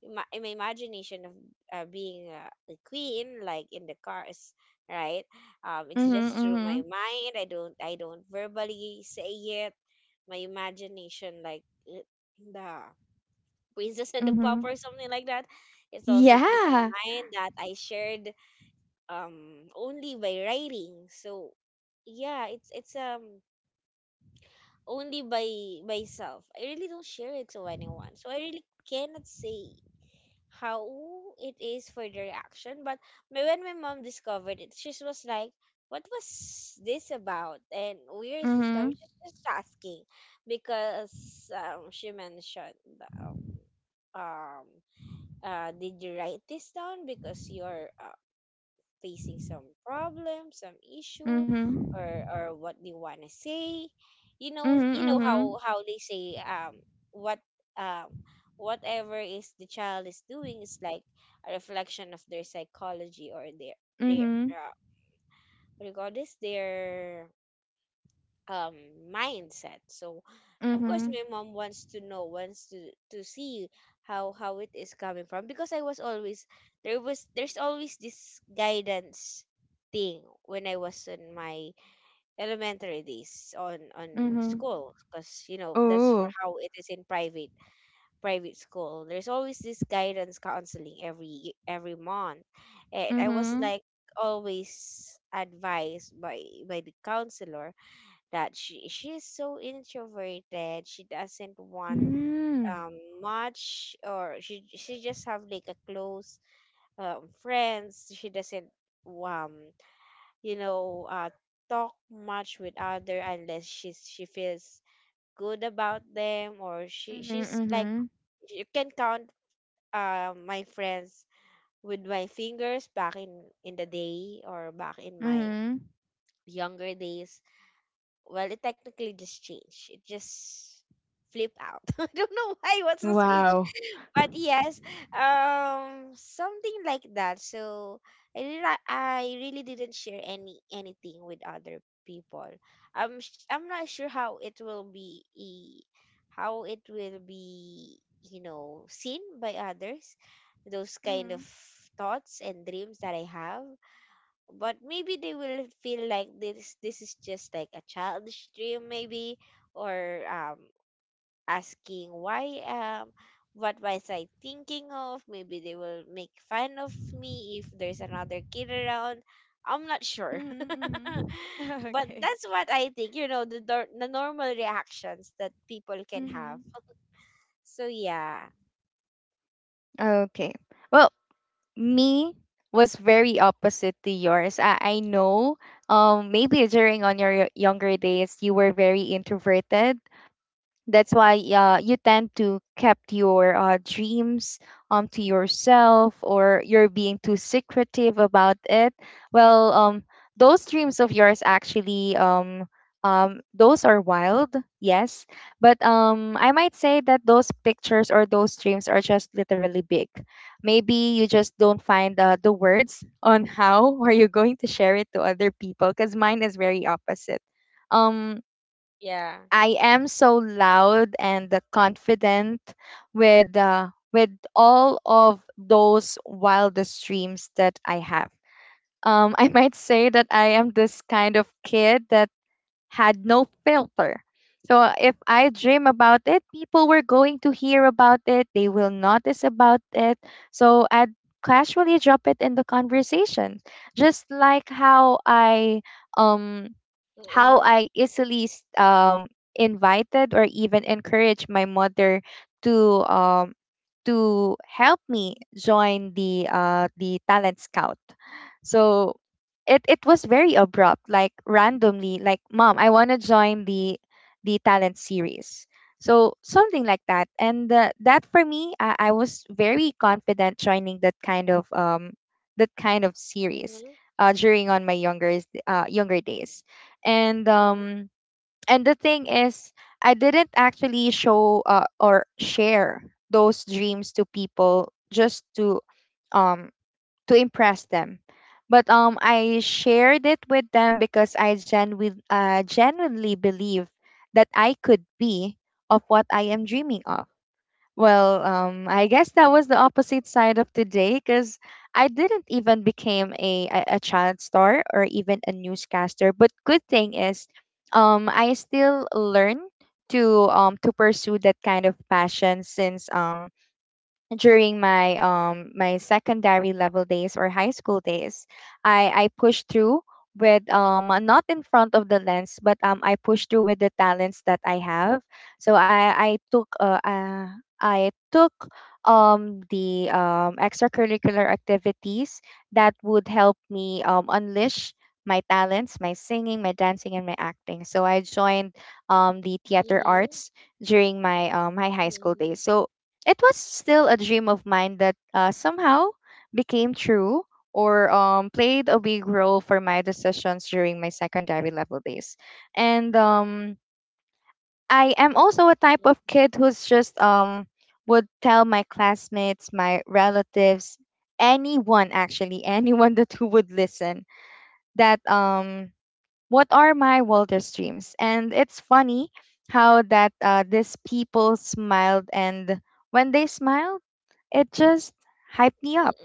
B: ima- in my imagination of uh, being uh, a queen, like in the cars, right? Um, it's
A: Mhm,
B: just through my
A: mhm,
B: mind. I don't, I don't verbally say it. My imagination, like uh, the Princess and the Pop,
A: mhm.
B: or something like that. It's also through my
A: Yeah.
B: mind that I shared um only by writing. So yeah, it's it's um only by myself. I really don't share it to anyone. So I really cannot say how it is for the reaction. But my- when my mom discovered it, she was like, "What was this about? And where is this coming?"
A: Mhm,
B: She's just asking because um, she mentioned, um, um, uh, "Did you write this down? Because you're uh, facing some problem, some issue,
A: mhm.
B: or or what they wanna say." You know,
A: Mhm,
B: you know how
A: mhm.
B: how they say, um what um whatever is the child is doing is like a reflection of their psychology or their their
A: Mhm,
B: uh, what do you call this their um mindset. So of course
A: mhm,
B: my mom wants to know, wants to to see how how it is coming from, because I was always, there was, there's always this guidance thing when I was in my elementary days on on
A: mhm.
B: school, because you know that's for
A: Ooh.
B: how it is in private, private school. There's always this guidance counseling every every month, and I was
A: Mhm.
B: like always advised by by the counselor that she, she's so introverted, she doesn't want
A: Mm.
B: um much, or she she just have like a close um friends. She doesn't um you know uh talk much with other, unless she's, she feels good about them, or she,
A: Mhm,
B: she's like,
A: mhm.
B: you can count uh my friends with my fingers back in in the day, or back in my
A: Mhm.
B: younger days. Well, it technically just changed. It just flipped out. I don't know why. What's the switch?
A: Wow.
B: But yes, um, something like that. So I really, I really didn't share any anything with other people. I'm sh- I'm not sure how it will be, e- how it will be, you know, seen by others, those kind of
A: Mhm.
B: thoughts and dreams that I have. But maybe they will feel like this this is just like a childish dream, maybe, or um asking why, um what was I thinking of. Maybe they will make fun of me if there's another kid around, I'm not sure.
A: Mhm, mhm.
B: But
A: Okay.
B: that's what I think, you know, the, dor- the normal reactions that people can have.
A: Mhm.
B: So yeah.
A: Okay. Well, me was very opposite to yours. I, I know um maybe during on your younger days you were very introverted that's why uh, you tend to kept your uh, dreams um to yourself or you're being too secretive about it well um those dreams of yours actually um um those are wild yes but um I might say that those pictures or those dreams are just literally big maybe you just don't find uh, the words on how are you going to share it to other people because mine is very opposite. um
B: Yeah,
A: I am so loud and uh, confident with uh, with all of those wildest dreams that I have. Um, I might say that I am this kind of kid that had no filter. So if I dream about it, people were going to hear about it. They will notice about it. So I'd casually drop it in the conversation, just like how I um how
B: mm-hmm.
A: I easily s- um, invited or even encouraged my mother to um, to help me join the uh, the talent scout. So it it was very abrupt, like randomly, like mom, I want to join the the talent series. So something like that, and uh, that for me, I, I was very confident joining that kind of um that kind of series
B: Mm-hmm.
A: uh, during on my younger uh, younger days and
B: Mm-hmm.
A: um and the thing is I didn't actually show uh, or share those dreams to people just to um to impress them but um I shared it with them because I genuinely uh, genuinely believe that I could be of what I am dreaming of. Well, um, I guess that was the opposite side of the day because I didn't even became a, a a child star or even a newscaster. But good thing is, um, I still learn to um to pursue that kind of passion since um during my um my secondary level days or high school days i i pushed through with um uh, not in front of the lens but um I pushed through with the talents that I have so i i took uh, uh I took um the um extracurricular activities that would help me um unleash my talents my singing my dancing and my acting so I joined um the theater
B: Mm-hmm.
A: arts during my um my high school
B: Mm-hmm.
A: days so it was still a dream of mine that uh, somehow became true or um, played a big role for my decisions during my secondary level days. And um, I am also a type of kid who's just um, would tell my classmates, my relatives, anyone actually, anyone that who would listen that um, what are my wildest dreams. And it's funny how that uh, these people smiled and when they smiled it just hyped me up.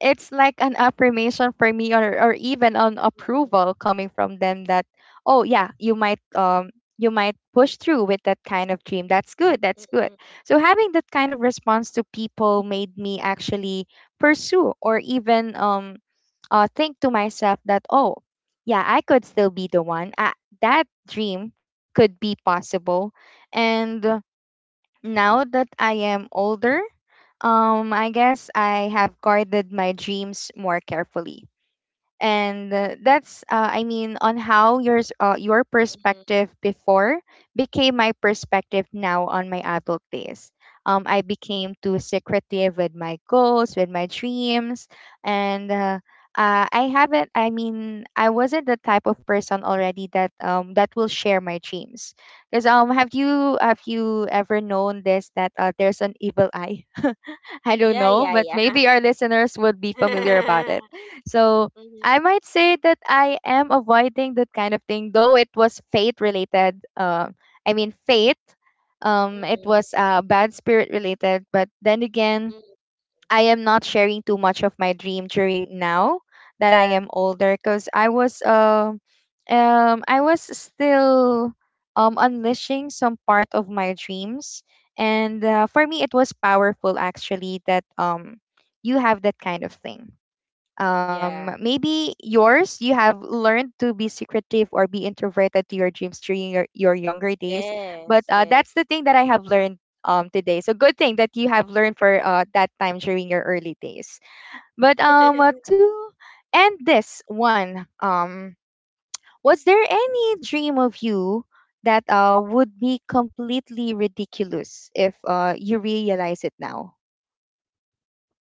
A: It's like an affirmation for me or, or even an
B: Mm-hmm.
A: approval coming from them that, oh yeah, you might um you might push through with that kind of dream. That's good. That's good.
B: Mm-hmm.
A: So having that kind of response to people made me actually pursue or even um uh, think to myself that oh yeah I could still be the one I, that dream could be possible. And now that I am older, um, I guess I have guarded my dreams more carefully. And uh, that's uh, I mean On how yours uh, your perspective
B: Mm.
A: before became my perspective now on my adult days. um, I became too secretive with my goals, with my dreams. And uh, uh, I haven't I mean I wasn't the type of person already that um, that will share my dreams, because um have you have you ever known this that uh, there's an evil eye. I don't
B: Yeah,
A: know,
B: yeah,
A: but
B: yeah.
A: maybe our listeners would be familiar about it. So
B: Mhm,
A: I might say that I am avoiding that kind of thing, though it was fate related. Um, I mean, fate. Um, it
B: mhm,
A: was uh, bad spirit related. But then again,
B: mhm.
A: I am not sharing too much of my dream during now that I am older, because I was um um, I was still um unleashing some part of my dreams. And uh, for me, it was powerful actually that um you have that kind of thing. Um
B: Yeah.
A: maybe yours, you have learned to be secretive or be introverted to your dreams during your, your younger days. But
B: Yes,
A: uh,
B: yes.
A: that's the thing that I have learned um today. So good thing that you have learned for uh, that time during your early days. But um uh, To end this one, um was there any dream of you that uh would be completely ridiculous if uh you realize it now?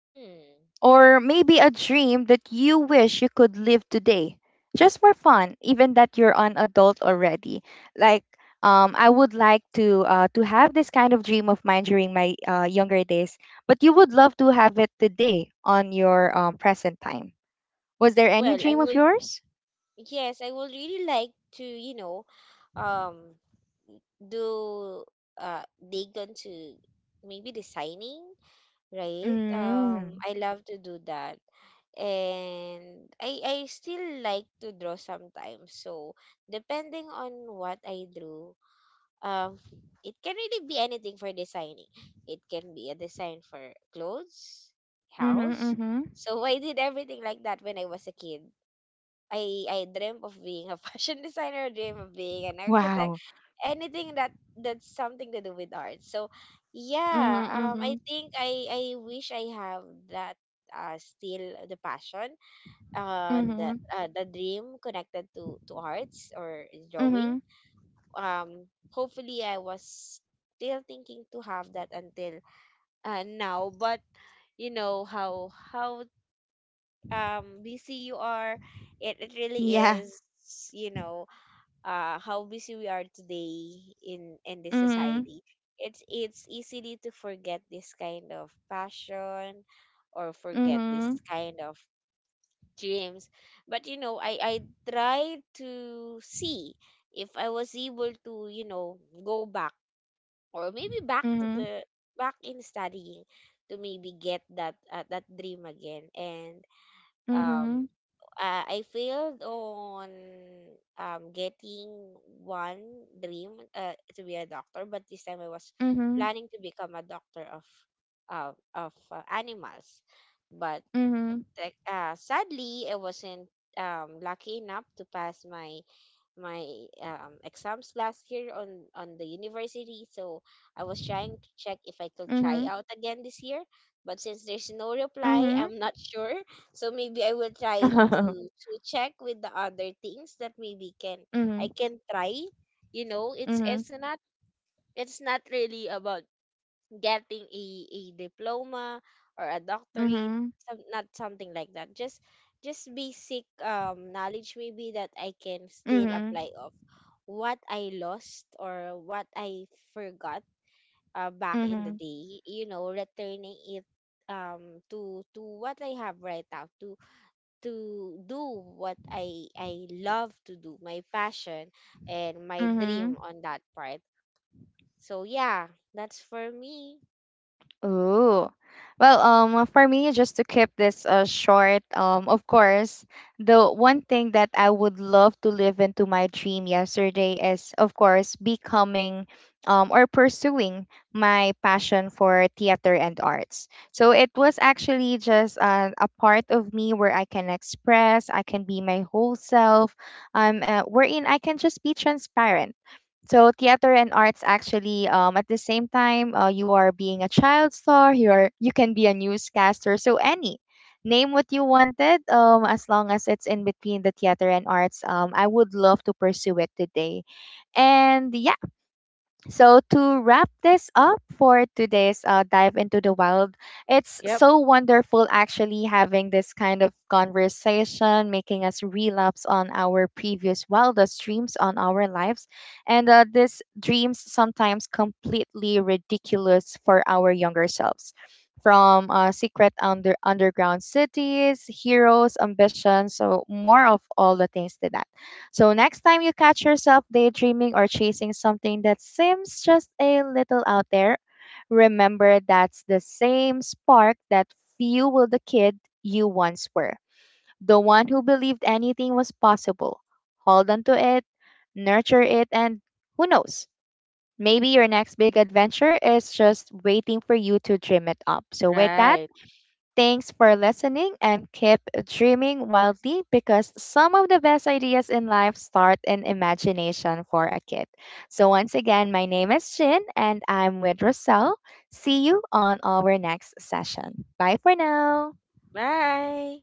B: Hmm.
A: Or maybe a dream that you wish you could live today, just for fun, even that you're an adult already? Like, um, I would like to uh, to have this kind of dream of mine during my uh, younger days, but you would love to have it today on your um, present time. Was there any
B: Well, I
A: dream of
B: will,
A: yours?
B: yes, I would really like to, you know, um, do uh dig into maybe designing, right? Um,
A: Mm.
B: I love to do that. And I I still like to draw sometimes. So depending on what I drew, um it can really be anything. For designing, it can be a design for clothes,
A: Mhm.
B: house.
A: Mhm.
B: So I did everything like that when I was a kid. i i dreamt of being a fashion designer, dream of being an architect,
A: Wow.
B: anything that that's something to do with art. So yeah,
A: Mhm.
B: um I
A: Mhm.
B: think i i wish I have that, uh still the passion, uh the
A: Mhm.
B: uh, the dream connected to to arts or drawing.
A: Mhm.
B: um hopefully I was still thinking to have that until, uh, now. But you know how how um busy you are, it, it really
A: Yeah.
B: is, you know, uh how busy we are today in in this
A: Mhm.
B: society. it's it's easily to forget this kind of passion, or forget this
A: Mhm.
B: kind of dreams. But you know, i i try to see if I was able to, you know, go back, or maybe back to
A: Mhm.
B: the, back in studying to maybe get that, uh, that dream again. And um
A: Mhm.
B: uh, I failed on um getting one dream, uh, to be a doctor. But this time I was
A: Mhm.
B: planning to become a doctor of uh, of uh, animals. But,
A: Mhm.
B: like, uh, sadly I wasn't um lucky enough to pass my my, um, exams last year on on the university. So I was trying to check if I
A: Mhm.
B: could try out again this year, but since there's no
A: Mhm.
B: reply, I'm not sure. So maybe I will try to to check with the other things that maybe can,
A: Mhm.
B: I can try. You know, it's
A: Mhm.
B: it's not, it's not really about getting a, a diploma or a doctorate,
A: Mhm.
B: some, not something like that, just just basic um knowledge, maybe, that I can still
A: Mhm.
B: apply of what I lost or what I forgot, uh, back
A: Mhm.
B: in the
A: Mhm.
B: day, you know, returning it um to to what I have right now, to to do what i i love to do, my passion and my dream
A: Mhm.
B: on that part. So yeah, that's for me.
A: Ooh. Well, um, for me, just to keep this uh, short, um, of course, the one thing that I would love to live into my dream yesterday is, of course, becoming um, or pursuing my passion for theater and arts. So it was actually just uh, a part of me where I can express, I can be my whole self, um, uh, wherein I can just be transparent. So theater and arts actually, um at the same time, uh, you are being a child star, you are you can be a newscaster. So any name what you wanted, um as long as it's in between the theater and arts, um I would love to pursue it today. And yeah, so to wrap this up for today's uh, dive into the wild, it's so wonderful actually having this kind of conversation, making us relapse on our previous wildest dreams on our lives, and uh, these dreams sometimes completely ridiculous for our younger selves. From uh, secret under underground cities, heroes, ambitions, so more of all the things to that. So next time you catch yourself daydreaming or chasing something that seems just a little out there, remember that's the same spark that fueled the kid you once were, the one who believed anything was possible. Hold on to it, nurture it, and who knows? Maybe your next big adventure is just waiting for you to dream it up. So with that,
B: Right.
A: thanks for listening and keep dreaming wildly, because some of the best ideas in life start in imagination for a kid. So, once again, my name is Jin and I'm with Roselle. See you on our next session. Bye for now.
B: Bye.